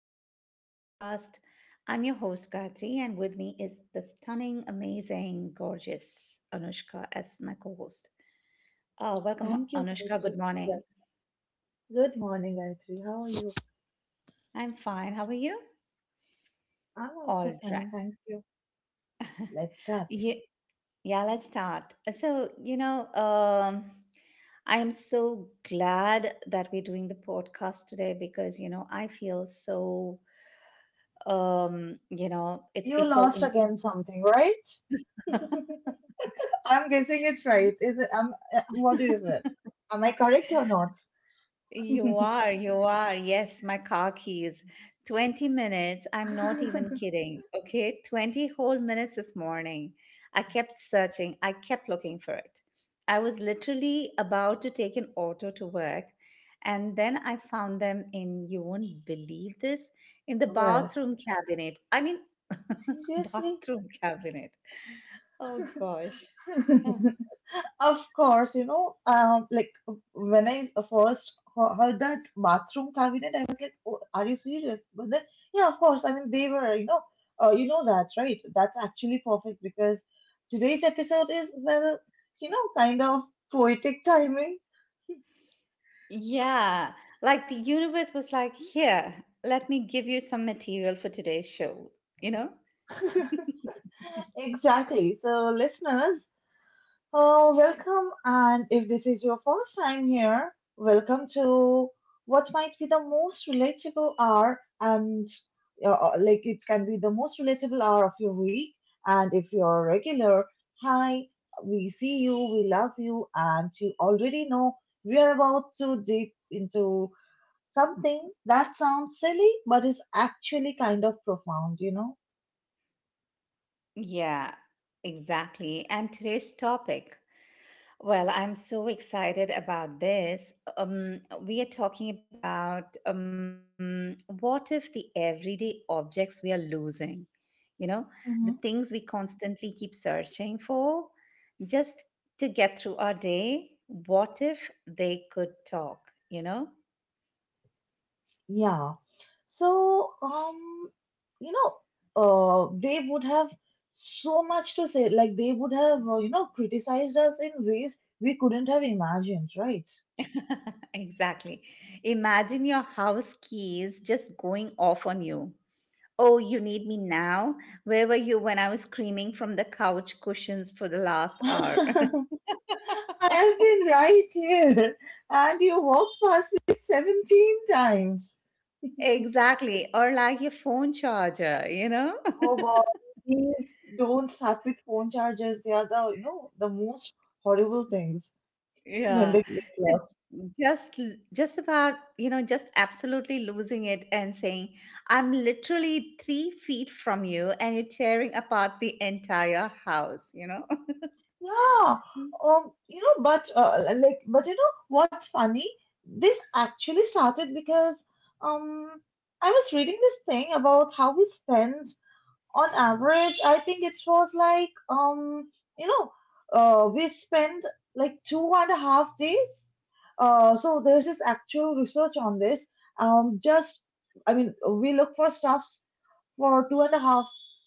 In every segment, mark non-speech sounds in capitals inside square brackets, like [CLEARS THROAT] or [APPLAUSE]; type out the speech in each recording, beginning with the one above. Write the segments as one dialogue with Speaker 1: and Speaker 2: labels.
Speaker 1: back to the podcast. I'm your host Gayatri, and with me is the stunning, amazing, gorgeous Anushka as my co-host. Welcome,
Speaker 2: Thank you,
Speaker 1: Anushka.
Speaker 2: Gayatri.
Speaker 1: Good
Speaker 2: Well,
Speaker 1: morning.
Speaker 2: Good morning, Gayatri. How are you?
Speaker 1: I'm fine. How are you?
Speaker 2: I'm also
Speaker 1: All
Speaker 2: fine,
Speaker 1: right.
Speaker 2: thank you. Let's start.
Speaker 1: Yeah, yeah. Let's start. So I am so glad that we're doing the podcast today because I feel so, it's
Speaker 2: You
Speaker 1: it's so
Speaker 2: lost
Speaker 1: in
Speaker 2: again something, right? I'm guessing it right. Is it? What is
Speaker 1: [LAUGHS]
Speaker 2: it? Am I correct or not?
Speaker 1: You are, you are. Yes, my car keys. 20 minutes. I'm not even
Speaker 2: [LAUGHS]
Speaker 1: kidding. Okay, 20 whole minutes this morning. I kept searching, I kept looking for it. I was literally about to take an auto to work, and then I found them in, you won't believe this, in the
Speaker 2: Where?
Speaker 1: bathroom cabinet. I mean, [LAUGHS]
Speaker 2: Seriously?
Speaker 1: bathroom cabinet. Oh gosh. [LAUGHS]
Speaker 2: [LAUGHS] [LAUGHS] Of course, when I first heard that bathroom cabinet, I was like, oh, "Are you serious?" But then, yeah, of course. I mean, they were, that, right? That's actually perfect because today's episode is, kind of poetic timing.
Speaker 1: Yeah, like the universe was like, here, let me give you some material for today's show, you know?
Speaker 2: [LAUGHS] Exactly. So, listeners, welcome, and if this is your first time here, welcome to what might be the most relatable hour, and it can be the most relatable hour of your week. And if you're a regular, hi, we see you, we love you, and you already know we are about to dip into something that sounds silly but is actually kind of profound, you know?
Speaker 1: Yeah, exactly. And today's topic. Well, I'm so excited about this. We are talking about what if the everyday objects we are losing, you know, the things
Speaker 2: Mm-hmm.
Speaker 1: we constantly keep searching for just to get through our day, what if they could talk, you know?
Speaker 2: Yeah. So, um, you know, they would have so much to say. Like they would have, criticized us in ways we couldn't have imagined, right?
Speaker 1: [LAUGHS] Exactly. Imagine your house keys just going off on you. Oh, you need me now? Where were you when I was screaming from the couch cushions for the last hour? [LAUGHS]
Speaker 2: [LAUGHS] I have been right here, and you walked past me 17 times.
Speaker 1: Exactly, or like your phone charger, you know? [LAUGHS]
Speaker 2: Oh God, please don't start with phone charges. They are the most horrible things when
Speaker 1: Yeah.
Speaker 2: they
Speaker 1: So just just about, just absolutely losing it and saying, I'm literally 3 feet from you and you're tearing apart the entire house, you know?
Speaker 2: Yeah,
Speaker 1: [LAUGHS]
Speaker 2: you know, but like, but you know, what's funny? This actually started because um, I was reading this thing about how we spend on average. I think it was like you know, we spend like 2.5 days. So there's this actual research on this. Just I mean, we look for stuffs for two and a half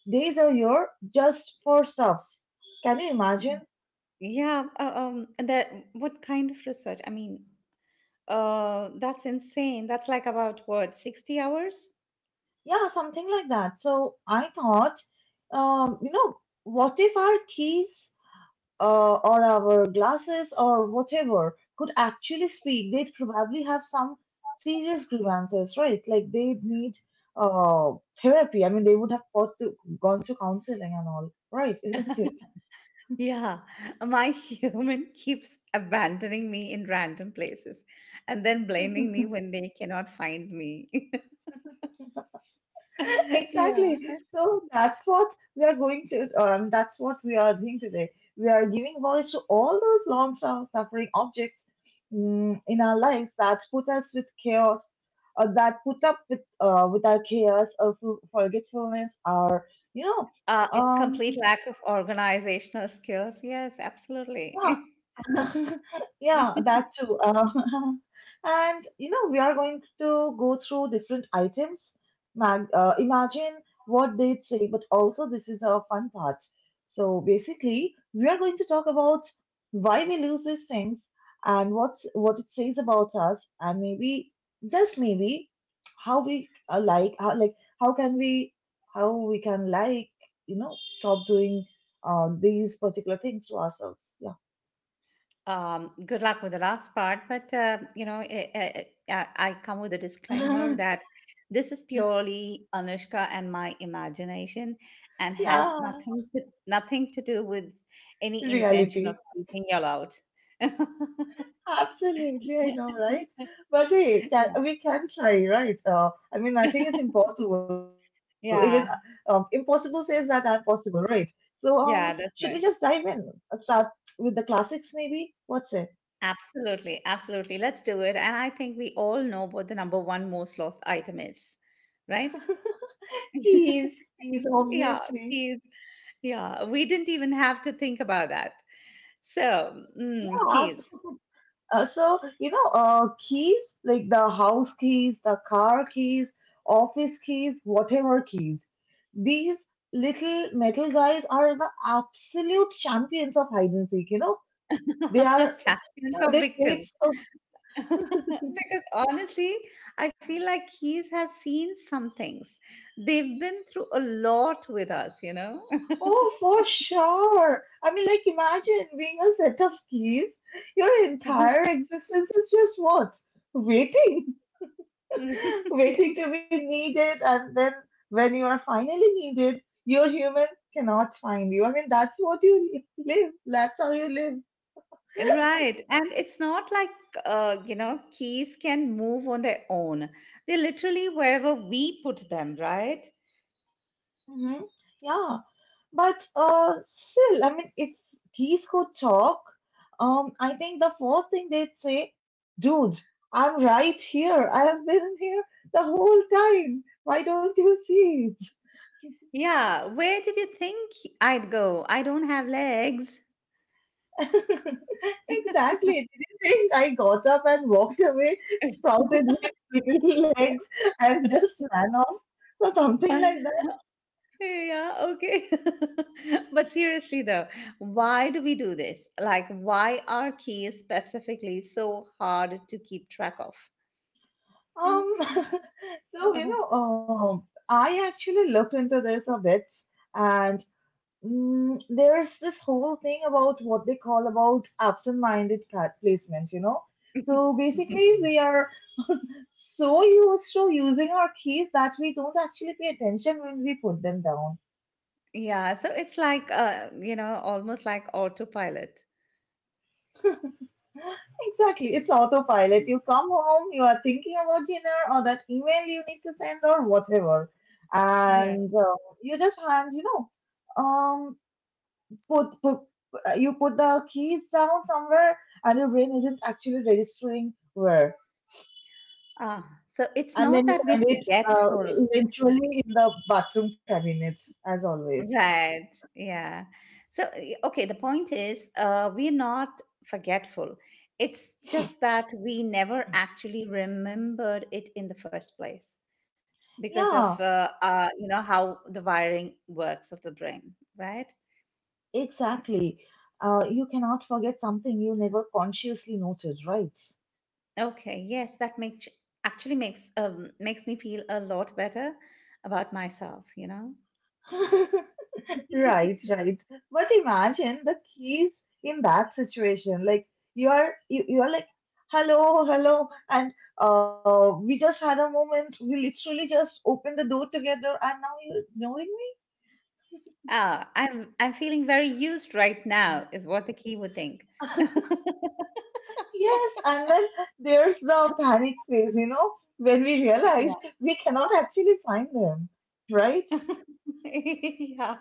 Speaker 2: days a year just for stuffs. Can you imagine?
Speaker 1: Yeah, and that what kind of research? I mean, that's insane. That's like about what, 60 hours?
Speaker 2: Yeah, something like that. So I thought, um, you know, what if our keys or our glasses or whatever could actually speak? They'd probably have some serious grievances, right? Like they'd need uh, therapy. I mean, they would have got to gone to counseling and all, right? [LAUGHS] Isn't it?
Speaker 1: Yeah, [LAUGHS] my human keeps abandoning me in random places and then blaming me when they cannot find me. [LAUGHS] Yeah.
Speaker 2: Exactly. That's what we are doing today. We are giving voice to all those long term suffering objects in our lives that put us with chaos, uh, that put up with our chaos, our forgetfulness, you know,
Speaker 1: A
Speaker 2: um,
Speaker 1: complete lack of organizational skills. Yes, absolutely.
Speaker 2: yeah, [LAUGHS] Yeah,
Speaker 1: [LAUGHS]
Speaker 2: that too. [LAUGHS] And you know, we are going to go through different items. Mag Imagine what they'd say, but also this is a fun part. So basically, we are going to talk about why we lose these things and what's what it says about us, and maybe just maybe how we like how can we how we can stop doing these particular things to ourselves.
Speaker 1: Good luck with the last part, but I come with a disclaimer
Speaker 2: Yeah. [LAUGHS]
Speaker 1: that this is purely Anushka and my imagination, and has
Speaker 2: Yeah,
Speaker 1: nothing to, nothing to do with any intention of
Speaker 2: reality.
Speaker 1: keeping y'all out. [LAUGHS]
Speaker 2: Absolutely, I know, right? But hey,
Speaker 1: yeah.
Speaker 2: we can try, right? I mean, I think it's impossible. Even
Speaker 1: Yeah,
Speaker 2: impossible says that I'm possible, right? So, should
Speaker 1: yeah,
Speaker 2: we
Speaker 1: that's
Speaker 2: just
Speaker 1: right.
Speaker 2: dive in? Let's start with the classics, maybe? What's it?
Speaker 1: Absolutely, absolutely. Let's do it. And I think we all know what the number one most lost item is, right?
Speaker 2: [LAUGHS]
Speaker 1: [LAUGHS]
Speaker 2: Keys, keys,
Speaker 1: Yeah,
Speaker 2: obviously.
Speaker 1: keys. Yeah, we didn't even have to think about that. So,
Speaker 2: Yeah.
Speaker 1: keys,
Speaker 2: [LAUGHS] Keys like the house keys, the car keys, office keys, whatever keys. These little metal guys are the absolute champions of hide and seek, you know. They
Speaker 1: [LAUGHS]
Speaker 2: are,
Speaker 1: champions
Speaker 2: yeah,
Speaker 1: or
Speaker 2: they play it
Speaker 1: victims. [LAUGHS]
Speaker 2: so,
Speaker 1: Because honestly, I feel like keys have seen some things. They've been through a lot with us, you know?
Speaker 2: oh, for sure. I mean, like, imagine being a set of keys. Your
Speaker 1: [LAUGHS]
Speaker 2: entire existence is just what? Waiting. [LAUGHS] Waiting to be needed, and then when you are finally needed, your human cannot find you. I mean, that's what you live. That's how you live.
Speaker 1: Right. And it's not like, keys can move on their own. They literally wherever we put them, right?
Speaker 2: Hmm Yeah, but still, I mean, if these could talk, I think the first thing they'd say, dude, I'm right here. I have been here the whole time. Why don't you see it?
Speaker 1: Yeah, where did you think I'd go? I don't have legs.
Speaker 2: [LAUGHS] Exactly. Did you think I got up and walked away, sprouted with little legs, and just ran off? So something like
Speaker 1: [LAUGHS]
Speaker 2: that.
Speaker 1: Yeah, okay. [LAUGHS] But seriously, though, why do we do this? Like, why are keys specifically so hard to keep track of? Yeah.
Speaker 2: Um, [LAUGHS] so I actually looked into this a bit, and there's this whole thing about what they call about absent-minded placements. You know, so
Speaker 1: [LAUGHS]
Speaker 2: basically we are [LAUGHS] so used to using our keys that we don't actually pay attention when we put them down.
Speaker 1: Yeah, so it's like, almost like autopilot.
Speaker 2: Exactly. It's autopilot. You come home, you are thinking about dinner or that email you need to send or whatever.
Speaker 1: Yeah.
Speaker 2: And you just hand, you know, put, put you put the keys down somewhere and your brain isn't actually registering where.
Speaker 1: Ah, so it's
Speaker 2: And
Speaker 1: not
Speaker 2: then you
Speaker 1: that we're
Speaker 2: find it
Speaker 1: forgetful, it's.
Speaker 2: eventually in the bathroom cabinet, as always.
Speaker 1: Right. Yeah. So, okay, the point is, we're not forgetful. It's just that we never actually remembered it in the first place because of
Speaker 2: Yeah,
Speaker 1: you know how the wiring works of the brain, right?
Speaker 2: exactly. You cannot forget something you never consciously noted, right?
Speaker 1: Okay, yes, that makes actually makes makes me feel a lot better about myself.
Speaker 2: [LAUGHS] Right,
Speaker 1: [LAUGHS]
Speaker 2: right. But imagine the keys in that situation. Like you are like, hello, hello, and we just had a moment. We literally just opened the door together, and now you're ignoring
Speaker 1: Ah, I'm feeling very used right
Speaker 2: me.
Speaker 1: now is what the key would think.
Speaker 2: [LAUGHS]
Speaker 1: [LAUGHS]
Speaker 2: Yes, and then there's the panic phase. You know, when we
Speaker 1: Yeah.
Speaker 2: realize we cannot actually find them.
Speaker 1: [LAUGHS]
Speaker 2: Right?
Speaker 1: yeah,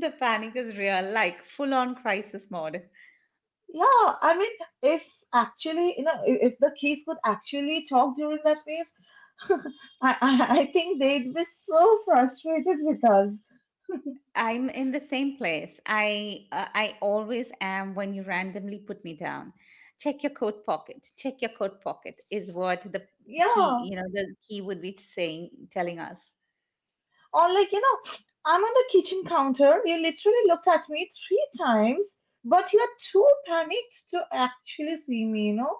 Speaker 1: the panic is real, like full on crisis mode.
Speaker 2: Yeah. I mean, if actually, you know, if the keys could actually talk during that phase, [LAUGHS] I think they'd be so frustrated with us.
Speaker 1: I'm in the same place. I always am when you randomly put me down. Check your coat pocket. Check your coat pocket is what the key,
Speaker 2: Yeah.
Speaker 1: you know, the key would be saying, telling us.
Speaker 2: Or like, you know, I'm on the kitchen counter. You literally looked at me three times, but you're too panicked to actually see me, you know?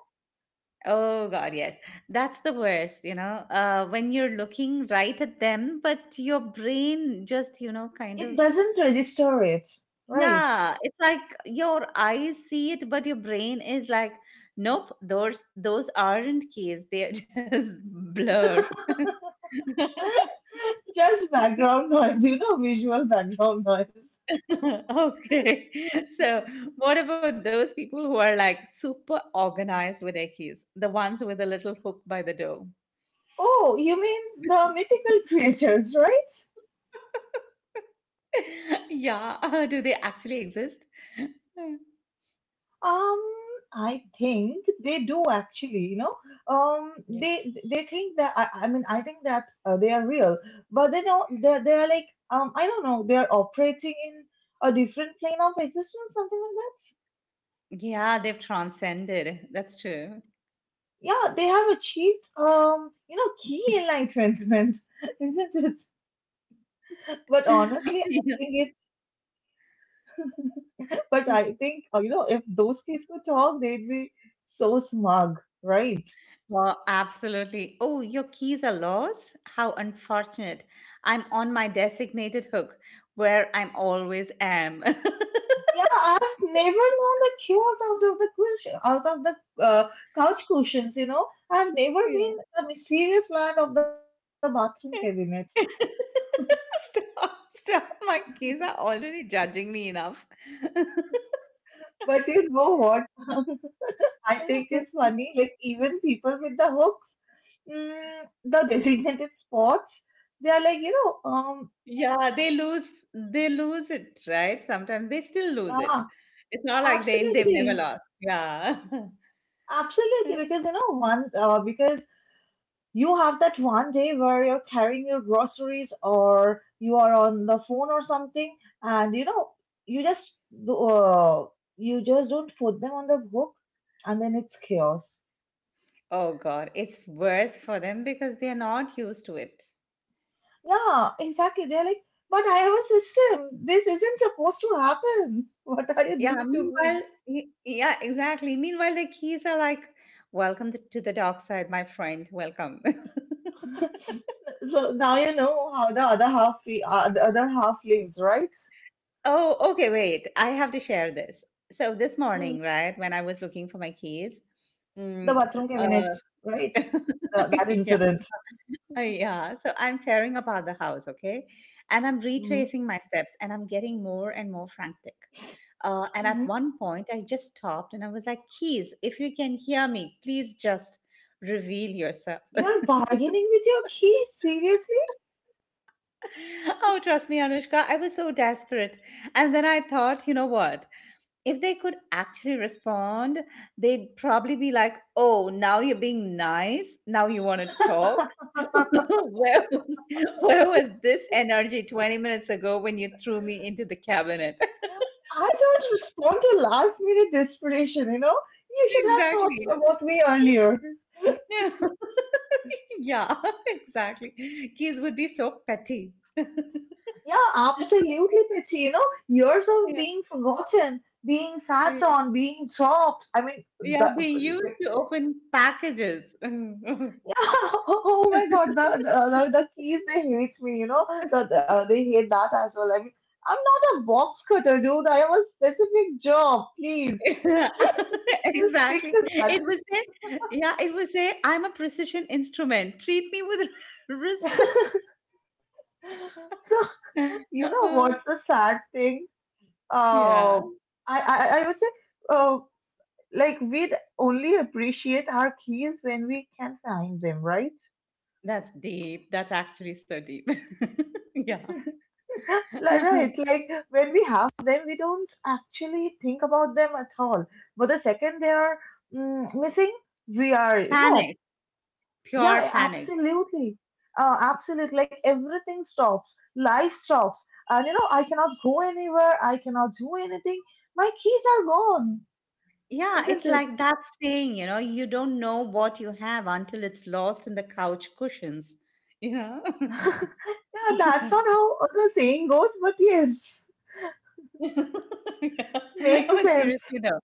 Speaker 1: Oh God, yes, that's the worst. When you're looking right at them, but your brain just, kind
Speaker 2: It
Speaker 1: of
Speaker 2: doesn't register it, right?
Speaker 1: Yeah, it's like your eyes see it, but your brain is like, nope, those aren't keys. They're just [LAUGHS] blur. [LAUGHS]
Speaker 2: [LAUGHS] Just
Speaker 1: [LAUGHS]
Speaker 2: background noise, you know, visual background noise.
Speaker 1: Okay. So, what about those people who are like super organized with their keys? The ones with the little hook by the door.
Speaker 2: Oh, you mean the mythical creatures, right?
Speaker 1: [LAUGHS] Yeah, [LAUGHS] do they actually exist? [LAUGHS]
Speaker 2: Um, I think they do actually, you know.
Speaker 1: Yeah.
Speaker 2: They think that I mean I think that they are real, but they know they are like I don't know they are operating in a different plane of existence something like that.
Speaker 1: Yeah, they've transcended. That's true.
Speaker 2: Yeah, they have achieved you know key enlightenment, [LAUGHS] isn't it? But
Speaker 1: [LAUGHS]
Speaker 2: honestly, I
Speaker 1: Yeah.
Speaker 2: think it. But I think you know if those keys could talk, they'd be so smug, right?
Speaker 1: Oh, absolutely. Oh, your keys are lost? How unfortunate. I'm on my designated hook where I'm always am. [LAUGHS]
Speaker 2: Yeah, I've never known the chaos out of the cushion, out of the uh, couch cushions. You know, I've never
Speaker 1: Yeah.
Speaker 2: been the mysterious land of the bathroom cabinets.
Speaker 1: [LAUGHS] Stop, stop. My kids are already judging me enough. [LAUGHS]
Speaker 2: But you know what? [LAUGHS] I think it's funny. Like even people with the hooks, the designated spots, they are like
Speaker 1: Yeah, they lose it, right? Sometimes they still lose it.
Speaker 2: yeah,
Speaker 1: It's not like they've never
Speaker 2: absolutely,
Speaker 1: lost. Yeah.
Speaker 2: absolutely.
Speaker 1: [LAUGHS]
Speaker 2: Because you know, one, because you have that one day where you're carrying your groceries or you are on the phone or something, and you know, you just uh, you just don't put them on the book, and then it's chaos.
Speaker 1: Oh God, it's worse for them because they are not used to it.
Speaker 2: Yeah, exactly. They're like, but I have a system. This isn't supposed to happen. [LAUGHS] What are you
Speaker 1: Yeah,
Speaker 2: doing to
Speaker 1: meanwhile,
Speaker 2: me?
Speaker 1: yeah, exactly. Meanwhile, the keys are like, welcome to the dark side, my friend, welcome. [LAUGHS]
Speaker 2: [LAUGHS] So now you know how the other half lives, right?
Speaker 1: Oh, okay, wait. I have to share this. So this
Speaker 2: Mm.
Speaker 1: morning, right, when I was looking for my keys,
Speaker 2: The
Speaker 1: mm,
Speaker 2: bathroom cabinet,
Speaker 1: uh,
Speaker 2: right?
Speaker 1: [LAUGHS]
Speaker 2: Th- that
Speaker 1: yeah,
Speaker 2: incident.
Speaker 1: Yeah, so I'm tearing apart the house, okay? And I'm
Speaker 2: Mm-hmm.
Speaker 1: retracing my steps and I'm getting more and more frantic. And at
Speaker 2: Mm-hmm.
Speaker 1: one point, I just stopped and I was like, keys, if you can hear me, please just reveal yourself.
Speaker 2: You're bargaining with your keys, seriously?
Speaker 1: [LAUGHS] Oh, trust me, Anushka, I was so desperate. And then I thought, you know what? If they could actually respond, they'd probably be like, "Oh, now you're being nice. Now you want to talk." [LAUGHS] where, where was this energy 20 minutes ago when you threw me into the cabinet? [LAUGHS]
Speaker 2: I don't respond to last minute desperation, you know? You should have
Speaker 1: exactly.
Speaker 2: thought about me earlier.
Speaker 1: Yeah. [LAUGHS] yeah, [LAUGHS] exactly. Kids would be so petty. [LAUGHS] yeah.
Speaker 2: Yeah, absolutely, Pity. You know, years of being forgotten, being sat
Speaker 1: Yeah,
Speaker 2: on, being dropped.
Speaker 1: yeah, being
Speaker 2: Yeah,
Speaker 1: used to open packages. [LAUGHS]
Speaker 2: [LAUGHS] oh my God, the keys, they hate me, you know? They hate that as well. I mean, I'm not a box cutter, dude. I have a specific job. Please
Speaker 1: [LAUGHS]
Speaker 2: [LAUGHS] stick
Speaker 1: Exactly.
Speaker 2: to that.
Speaker 1: It would say, yeah, it would say, I'm a precision instrument. Treat me with [LAUGHS] respect.
Speaker 2: [LAUGHS] So [LAUGHS]
Speaker 1: [LAUGHS]
Speaker 2: you know what's the sad thing?
Speaker 1: yeah,
Speaker 2: Uh, I would say uh, like we'd only appreciate our keys when we can find them, right?
Speaker 1: that's deep. That's actually so deep. [LAUGHS] Yeah.
Speaker 2: [LAUGHS] Like, right,
Speaker 1: [LAUGHS]
Speaker 2: like when we have them, we don't actually think about them at all. But the second they are missing, we are, you know,
Speaker 1: Panic, pure
Speaker 2: yeah,
Speaker 1: panic.
Speaker 2: absolutely. Absolutely. Like everything stops, life stops. And, you know, I cannot go anywhere, I cannot do anything. My keys are gone.
Speaker 1: Yeah,
Speaker 2: Isn't
Speaker 1: it's
Speaker 2: it?
Speaker 1: like that saying, you don't know what you have until it's lost in the couch cushions, you know?
Speaker 2: [LAUGHS] Yeah, that's not
Speaker 1: [LAUGHS]
Speaker 2: how the saying goes, but yes,
Speaker 1: [LAUGHS] Yeah.
Speaker 2: makes
Speaker 1: But
Speaker 2: sense.
Speaker 1: seriously though,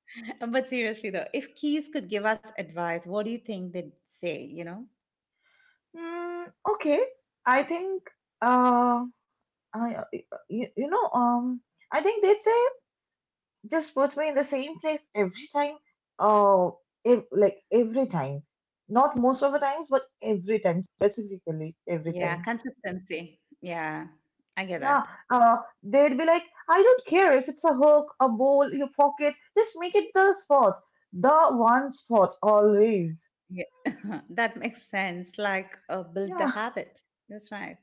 Speaker 1: but seriously though, if keys could give us advice, what do you think they'd say, you know?
Speaker 2: Mm, okay, I think uh, I you, you know I think they'd say just put me in the same place every time. Uh, every time, not most of the times, but every time specifically every
Speaker 1: Yeah,
Speaker 2: time.
Speaker 1: consistency. Yeah, I get
Speaker 2: Yeah,
Speaker 1: that.
Speaker 2: uh, they'd be like, I don't care if it's a hook, a bowl, your pocket, just make it the spot, the one spot always.
Speaker 1: Yeah. [LAUGHS] That makes sense. Like build the
Speaker 2: Yeah,
Speaker 1: habit. That's right.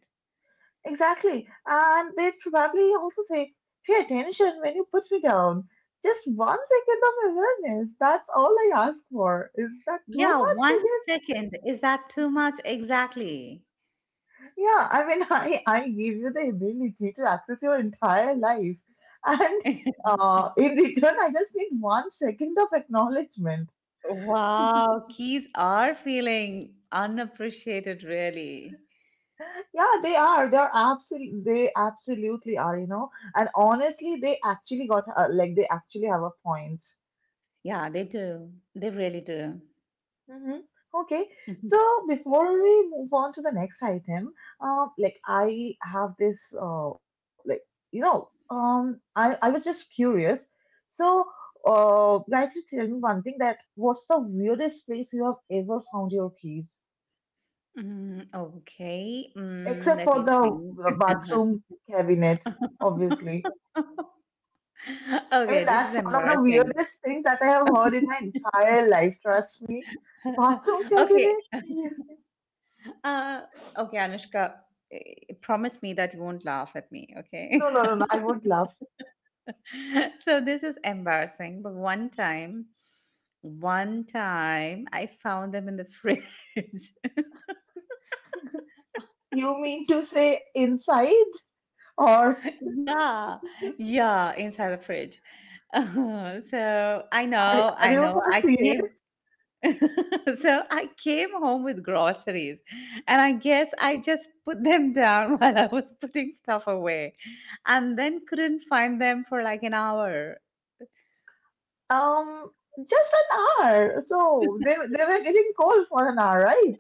Speaker 2: exactly. And they'd probably also say, pay attention when you put me down. Just one second of awareness. That's all I ask for. Is that too
Speaker 1: Yeah,
Speaker 2: much to
Speaker 1: one
Speaker 2: give?
Speaker 1: second. Is that too much? Exactly.
Speaker 2: Yeah, I mean, [LAUGHS] I give you the ability to access your entire life. And
Speaker 1: [LAUGHS]
Speaker 2: in return, I just need one second of acknowledgement. [LAUGHS]
Speaker 1: Wow, keys are feeling unappreciated, really.
Speaker 2: Yeah, they are. They are absolutely. They absolutely are. You know, and honestly, they actually have a point.
Speaker 1: Yeah, they do. They really do.
Speaker 2: Hmm Okay,
Speaker 1: [LAUGHS]
Speaker 2: so before we move on to the next item, I have this, I was just curious. So, guys, you tell me one thing that what's the weirdest place you have ever found your keys,
Speaker 1: Mm, okay.
Speaker 2: except
Speaker 1: Let
Speaker 2: for
Speaker 1: me
Speaker 2: the
Speaker 1: think. [LAUGHS]
Speaker 2: bathroom cabinet, obviously. I
Speaker 1: Okay,
Speaker 2: mean,
Speaker 1: this
Speaker 2: that's
Speaker 1: is
Speaker 2: one of the
Speaker 1: embarrassing.
Speaker 2: weirdest things that I have heard in my entire life. Trust me.
Speaker 1: [LAUGHS]
Speaker 2: Bathroom
Speaker 1: Okay.
Speaker 2: cabinet? Seriously?
Speaker 1: Uh, okay, Anushka, promise me that you won't laugh at me, okay?
Speaker 2: No, no, no, no. I would laugh.
Speaker 1: [LAUGHS] So this is embarrassing, but one time I found them in the fridge. [LAUGHS]
Speaker 2: You mean to say inside? Or
Speaker 1: Yeah. Yeah, inside the fridge. [LAUGHS] So I
Speaker 2: are,
Speaker 1: know,
Speaker 2: are
Speaker 1: I
Speaker 2: you
Speaker 1: know.
Speaker 2: for
Speaker 1: I came.
Speaker 2: serious?
Speaker 1: [LAUGHS] So I came home with groceries, and I guess I just put them down [LAUGHS] while I was putting stuff away, and then couldn't find them for like an hour.
Speaker 2: Um, just an hour. So they were getting cold for an hour, right?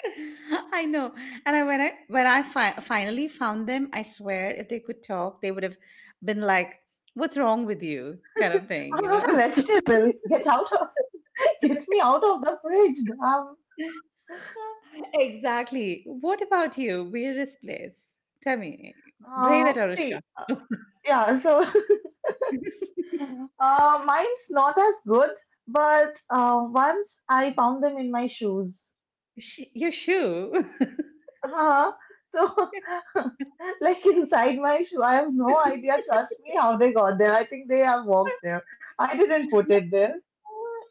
Speaker 1: [LAUGHS] I know, and when I finally found them, I swear, if they could talk, they would have been like, "What's wrong with you?" kind of thing,
Speaker 2: I'm
Speaker 1: you know.
Speaker 2: not a vegetable. Get out of, [LAUGHS] get me out of the fridge. Um,
Speaker 1: [LAUGHS] exactly. What about you? Weirdest place? Tell me, brave it, Arushka.
Speaker 2: see,
Speaker 1: [LAUGHS]
Speaker 2: yeah, so [LAUGHS] mine's not as good, but once I found them in my shoes.
Speaker 1: Your shoe. [LAUGHS]
Speaker 2: Uh-huh. So, [LAUGHS] like inside my shoe, I have no idea.
Speaker 1: [LAUGHS]
Speaker 2: Trust me, how they got there. I think they have walked there. I didn't put it there.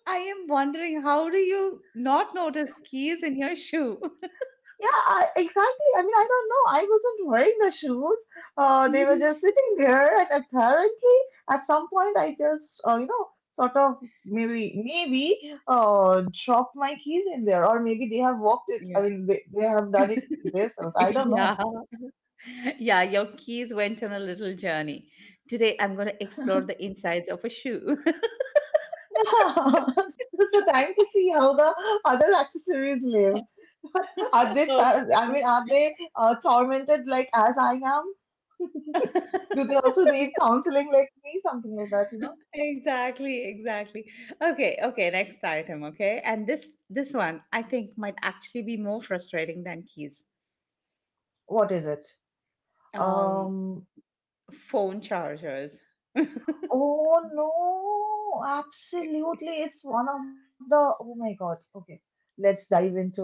Speaker 1: I am wondering how do you not notice keys in your shoe?
Speaker 2: Yeah, I- exactly. I mean, I don't know. I wasn't wearing the shoes. They were
Speaker 1: [LAUGHS]
Speaker 2: just sitting there, and apparently, at some point, I just, sort of maybe dropped my keys in there, or maybe they have walked it. I
Speaker 1: Yeah.
Speaker 2: mean, they have done it
Speaker 1: [LAUGHS]
Speaker 2: themselves. I don't know.
Speaker 1: Yeah. Yeah, your keys went on a little journey. Today I'm going to explore the insides of a shoe. [LAUGHS]
Speaker 2: Yeah, [LAUGHS] just a time to see how the other accessories live. Are they,
Speaker 1: Oh,
Speaker 2: sa- I mean, are they tormented like as I am? [LAUGHS]
Speaker 1: [LAUGHS]
Speaker 2: Do they also need counseling like me? Something like that, you know?
Speaker 1: exactly, exactly. Okay, okay, next item, okay? And this one I think might actually be more frustrating than keys.
Speaker 2: What is it?
Speaker 1: Um
Speaker 2: Um,
Speaker 1: Phone chargers. [LAUGHS]
Speaker 2: oh no, absolutely. It's one of the, oh my God. Okay, let's dive into it.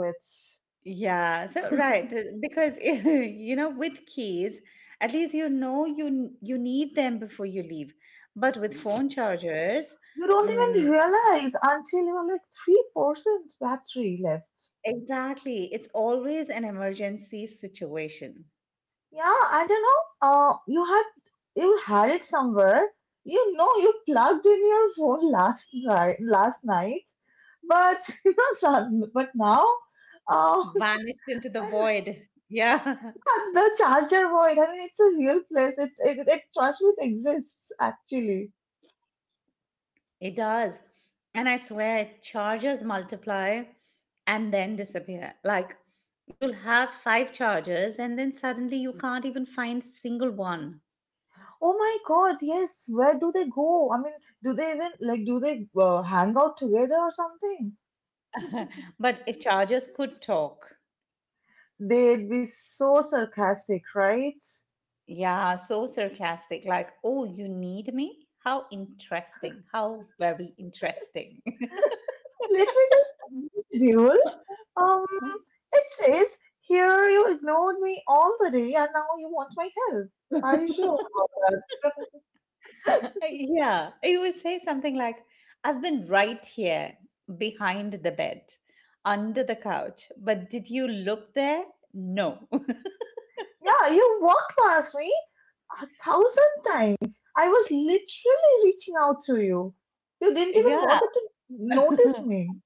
Speaker 1: Yeah, so right because [LAUGHS] with keys at least you need them before you leave. But with phone chargers,
Speaker 2: You don't
Speaker 1: mm,
Speaker 2: even realize until you're like 3% battery left.
Speaker 1: exactly, it's always an emergency situation.
Speaker 2: Yeah, and you know, you had it somewhere. You know, you plugged in your phone last night, but [LAUGHS] you know, but now, uh,
Speaker 1: Vanished into the
Speaker 2: [LAUGHS]
Speaker 1: void. Yeah,
Speaker 2: the Charger Void. I mean, it's a real place. It's it. Trust me, it exists actually.
Speaker 1: [LAUGHS] it does. And I swear chargers multiply and then disappear. Like you'll have five chargers and then suddenly you can't even find single one.
Speaker 2: Oh my God, yes. Where do they go? I mean, do they even like? Do they hang out together or something?
Speaker 1: [LAUGHS] But if chargers could talk,
Speaker 2: They'd be so sarcastic, right?
Speaker 1: yeah, so sarcastic, like, oh, you need me? How interesting. How very interesting. [LAUGHS]
Speaker 2: Let me just Jewel. Um, it says here you ignored me all the day, and now you want my help. Are you sure about that?
Speaker 1: Yeah, it would say something like, I've been right here, behind the bed, under the couch, but did you look there? No. [LAUGHS]
Speaker 2: Yeah, you walked past me a thousand times. I was literally reaching out to you. You didn't even
Speaker 1: Yeah.
Speaker 2: bother to
Speaker 1: [LAUGHS]
Speaker 2: notice me.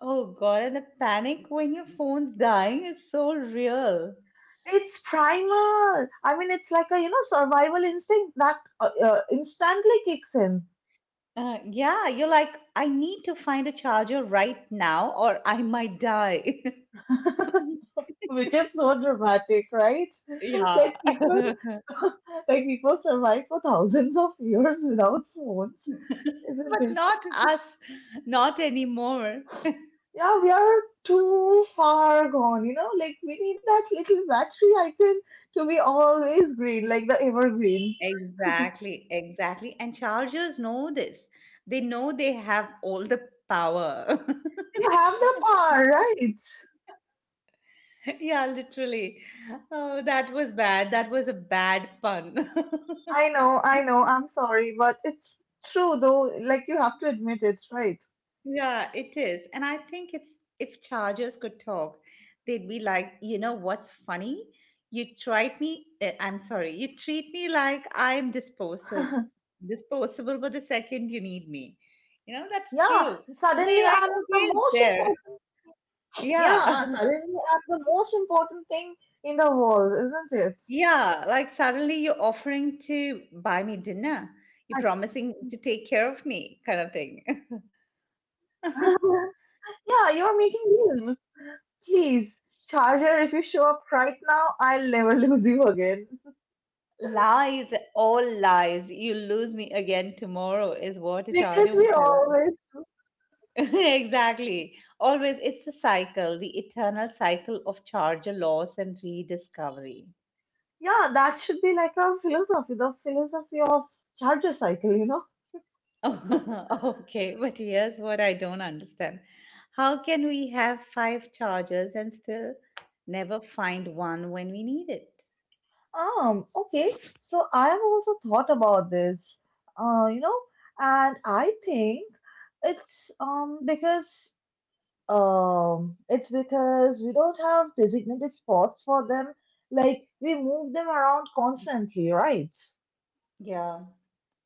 Speaker 1: Oh God, and the panic when your phone's dying is so real.
Speaker 2: It's primal. I mean, it's like a you know survival instinct that instantly kicks in,
Speaker 1: Yeah, you're like, I need to find a charger right now or I might die.
Speaker 2: [LAUGHS]
Speaker 1: [LAUGHS]
Speaker 2: which is so dramatic, right? [LAUGHS]
Speaker 1: yeah.
Speaker 2: Like people,
Speaker 1: [LAUGHS]
Speaker 2: [LAUGHS] like people survive for thousands of years without phones, isn't
Speaker 1: But
Speaker 2: it?
Speaker 1: not us, not anymore.
Speaker 2: Yeah, we are too far gone, you know? Like, we need that little battery icon to be always green, like the evergreen.
Speaker 1: Exactly, exactly. And chargers know this. They know they have all the power.
Speaker 2: You have the power, right?
Speaker 1: [LAUGHS] yeah, literally. Oh, that was bad. That was a bad pun. [LAUGHS]
Speaker 2: I know, I'm sorry, but it's true though. Like, you have to admit it, right?
Speaker 1: Yeah, it is. And I think it's if chargers could talk, they'd be like, you know what's funny? You tried me, I'm sorry, you treat me like I'm disposable,
Speaker 2: [LAUGHS]
Speaker 1: disposable, but the second you need me. You know, that's
Speaker 2: Yeah,
Speaker 1: true. You know,
Speaker 2: suddenly
Speaker 1: you're like,
Speaker 2: I'm the
Speaker 1: okay, it's
Speaker 2: most
Speaker 1: there.
Speaker 2: important.
Speaker 1: Yeah.
Speaker 2: Yeah,
Speaker 1: [LAUGHS]
Speaker 2: suddenly I'm the most important thing in the world, isn't it?
Speaker 1: Yeah, like suddenly you're offering to
Speaker 2: I-
Speaker 1: buy me dinner. You're promising to take care of me, kind of thing.
Speaker 2: [LAUGHS]
Speaker 1: [LAUGHS]
Speaker 2: yeah, you're making deals. Please, Charger, if you show up right now, I'll never [LAUGHS] lose you again.
Speaker 1: Lies, all lies. You lose me again tomorrow is what a
Speaker 2: Because
Speaker 1: charger
Speaker 2: we
Speaker 1: would tell us.
Speaker 2: always do.
Speaker 1: [LAUGHS] Exactly. Always, it's a cycle, the eternal cycle of charger loss and rediscovery. [LAUGHS]
Speaker 2: Yeah, that should be like a philosophy, the philosophy of Charger cycle, you know?
Speaker 1: Okay, but here's what I don't understand. How can we have five chargers and still never find one when we need it?
Speaker 2: Okay. So I have also thought about this, uh, you know, and I think it's because it's because we don't have designated spots for them. Like we move them around constantly, right?
Speaker 1: Yeah,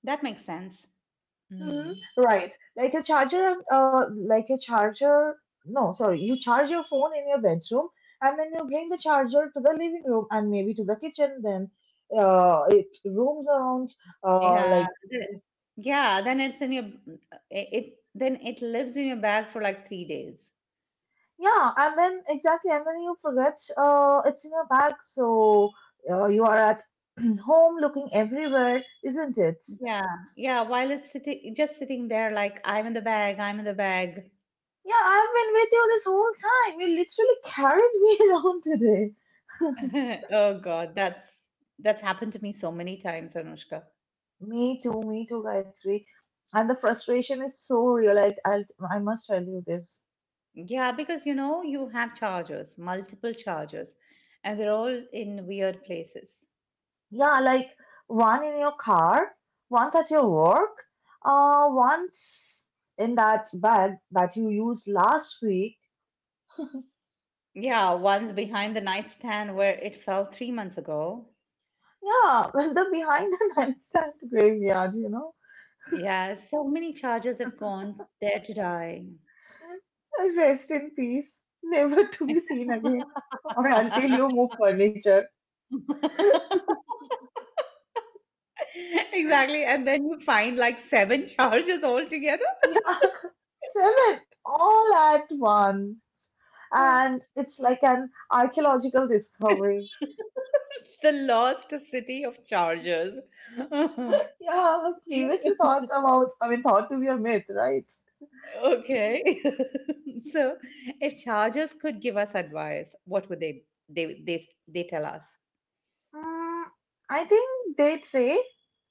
Speaker 1: that makes sense.
Speaker 2: Hmm.
Speaker 1: Hmm.
Speaker 2: Right. Like a charger, like a charger. No, sorry. You charge your phone in your bedroom and then you bring the charger to the living room and maybe to the kitchen. Then it rooms around,
Speaker 1: Yeah,
Speaker 2: like,
Speaker 1: the- yeah. Then it lives in your bag for like 3 days.
Speaker 2: yeah. And then exactly. And then you forget it's in your bag. So you are at [CLEARS THROAT] home looking everywhere, isn't it?
Speaker 1: Yeah, yeah. While it's sitting, just sitting there, like I'm in the bag, I'm in the bag.
Speaker 2: Yeah, I've been with you this whole time. You literally carried me [LAUGHS] around today.
Speaker 1: [LAUGHS] Oh God, that's happened to me so many times, Anushka.
Speaker 2: Me too, Gayatri. And the frustration is so real. I must tell you this.
Speaker 1: Yeah, because you know you have chargers, multiple chargers, and they're all in weird places.
Speaker 2: Yeah, like one in your car, once at your work, once in that bag that you used last week.
Speaker 1: Yeah, one's behind the nightstand where it fell 3 months ago.
Speaker 2: Yeah, [LAUGHS] the behind the nightstand graveyard, you know.
Speaker 1: Yeah, so many chargers have gone there to die.
Speaker 2: Rest in peace, never to be seen again, or until you
Speaker 1: [LAUGHS] [LAUGHS]
Speaker 2: move furniture.
Speaker 1: Exactly. And then you find like seven chargers altogether.
Speaker 2: Yeah, [LAUGHS] seven all at once. And
Speaker 1: [LAUGHS]
Speaker 2: it's like an archaeological discovery.
Speaker 1: The lost city of chargers. [LAUGHS]
Speaker 2: Yeah, previously thought about, I mean, thought to be a myth, right?
Speaker 1: Okay. [LAUGHS] So, if chargers could give us advice, what would they tell us?
Speaker 2: Mm, I think they'd say,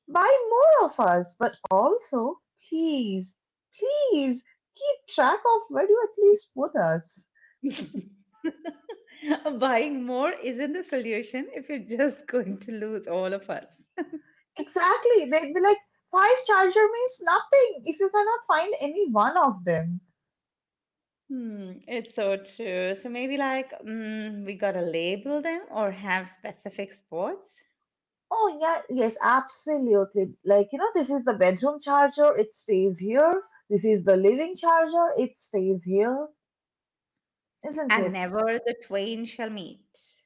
Speaker 2: buy more of us, but also, please, please keep track of where you at least put us.
Speaker 1: [LAUGHS] Buying more isn't the solution if you're just going to lose all of us.
Speaker 2: Exactly, they'd be like, five charger means nothing if you cannot find any one of them.
Speaker 1: Hmm, it's so true. So maybe like we gotta label them or have specific sports,
Speaker 2: Oh, yeah, yes, absolutely. Like, you know, this is the bedroom charger, it stays here. This is the living charger, it stays here, isn't
Speaker 1: and
Speaker 2: it?
Speaker 1: never the twain shall meet.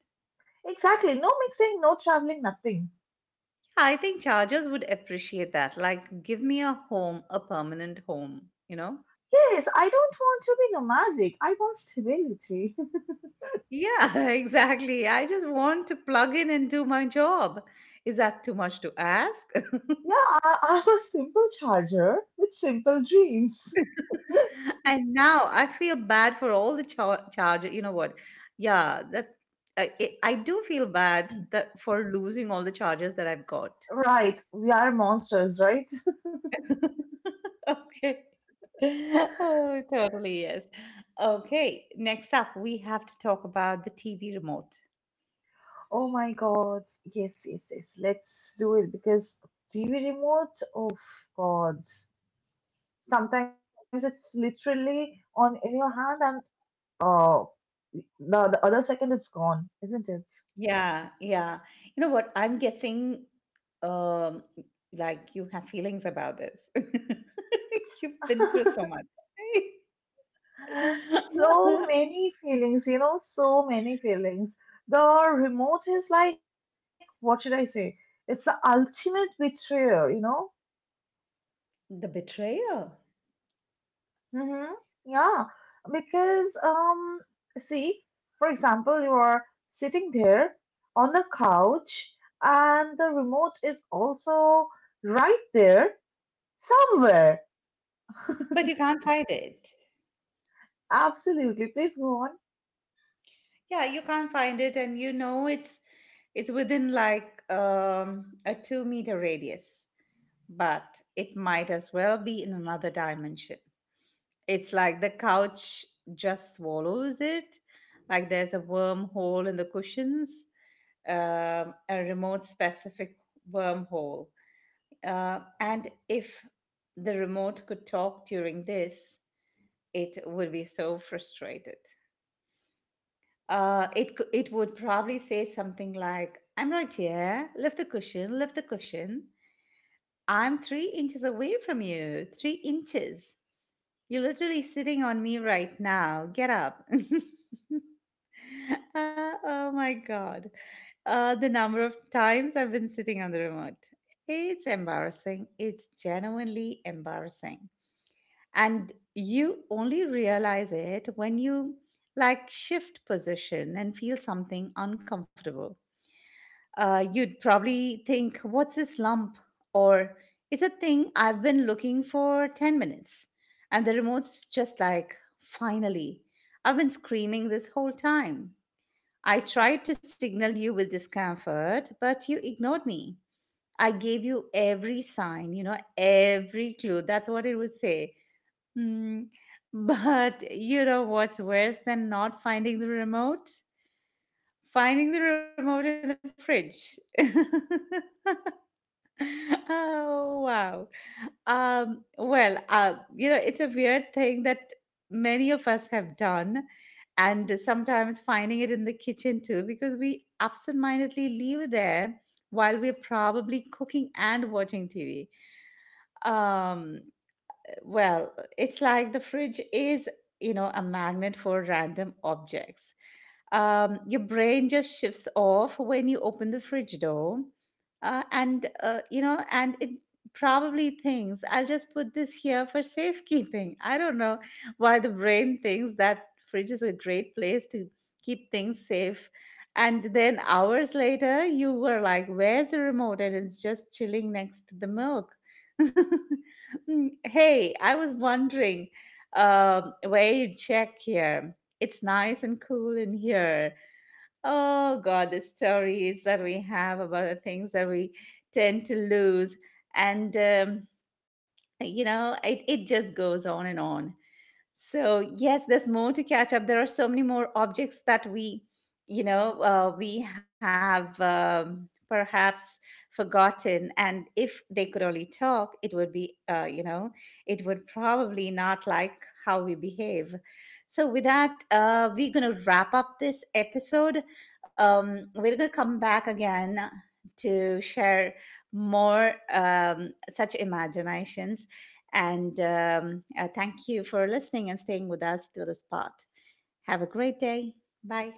Speaker 2: Exactly. No mixing, no traveling, nothing.
Speaker 1: Yeah, I think Chargers would appreciate that. Like, give me a home, a permanent home, you know?
Speaker 2: Yes, I don't want to be nomadic. I want stability.
Speaker 1: Yeah, [LAUGHS] exactly. I just want to plug in and do my job. Is that too much to ask? [LAUGHS]
Speaker 2: [LAUGHS] yeah, I'm a simple charger with simple dreams.
Speaker 1: And now I feel bad for all the charger. You know what? Yeah, that I do feel bad that for losing all the chargers that I've got.
Speaker 2: Right, we are monsters, right?
Speaker 1: [LAUGHS] Okay. Oh, totally, yes. Okay, next up, we have to talk about the TV remote.
Speaker 2: Oh my god. Yes, yes, yes. Let's do it because TV remote, oh god. Sometimes it's literally on in your hand and uh the other second it's gone, isn't it?
Speaker 1: Yeah. You know what? I'm guessing, um, like you have feelings about this. [LAUGHS] You've been through so
Speaker 2: [LAUGHS]
Speaker 1: much.
Speaker 2: So
Speaker 1: [LAUGHS]
Speaker 2: many feelings, you know, so many feelings. The remote is like, what should I say? It's the ultimate betrayer, you know.
Speaker 1: The betrayer.
Speaker 2: Mm-hmm. Yeah, because see, for example, you are sitting there on the couch and the remote is also right there somewhere.
Speaker 1: But you can't find it.
Speaker 2: Absolutely. Please go on.
Speaker 1: Yeah, you can't find it, and you know it's within like a 2 meter radius, but it might as well be in another dimension. It's like the couch just swallows it. Like there's a wormhole in the cushions, a remote specific wormhole. And if the remote could talk during this, it would be so frustrated. It would probably say something like, "I'm right here. Lift the cushion. Lift the cushion. I'm 3 inches away from you. 3 inches. You're literally sitting on me right now. Get up." [LAUGHS] Oh my god! The number of times I've been sitting on the remote. It's embarrassing. It's genuinely embarrassing, and you only realize it when you like shift position and feel something uncomfortable. You'd probably think, what's this lump? Or, it's a thing I've been looking for 10 minutes, and the remote's just like, finally, I've been screaming this whole time. I tried to signal you with discomfort but you ignored me. I gave you every sign, every clue. That's what it would say. Mm, [LAUGHS] but you know what's worse than not finding the remote? Finding the remote in the fridge. [LAUGHS] Oh wow. It's a weird thing that many of us have done, and sometimes finding it in the kitchen too, because we absentmindedly leave it there while we're probably cooking and watching TV. Um, well, it's like the fridge is, a magnet for random objects. Your brain just shifts off when you open the fridge door. And and it probably thinks, I'll just put this here for safekeeping. I don't know why the brain thinks that fridge is a great place to keep things safe. And then hours later you were like, where's the remote? And it's just chilling next to the milk. [LAUGHS] Hey, I was wondering where you check here. It's nice and cool in here. Oh God, the stories that we have about the things that we tend to lose. And, it just goes on and on. So yes, there's more to catch up. There are so many more objects that we, we have perhaps forgotten. And if they could only talk, it would be, it would probably not like how we behave. So with that, we're going to wrap up this episode. We're going to come back again to share more such imaginations and thank you for listening and staying with us till this part. Have a great day. Bye.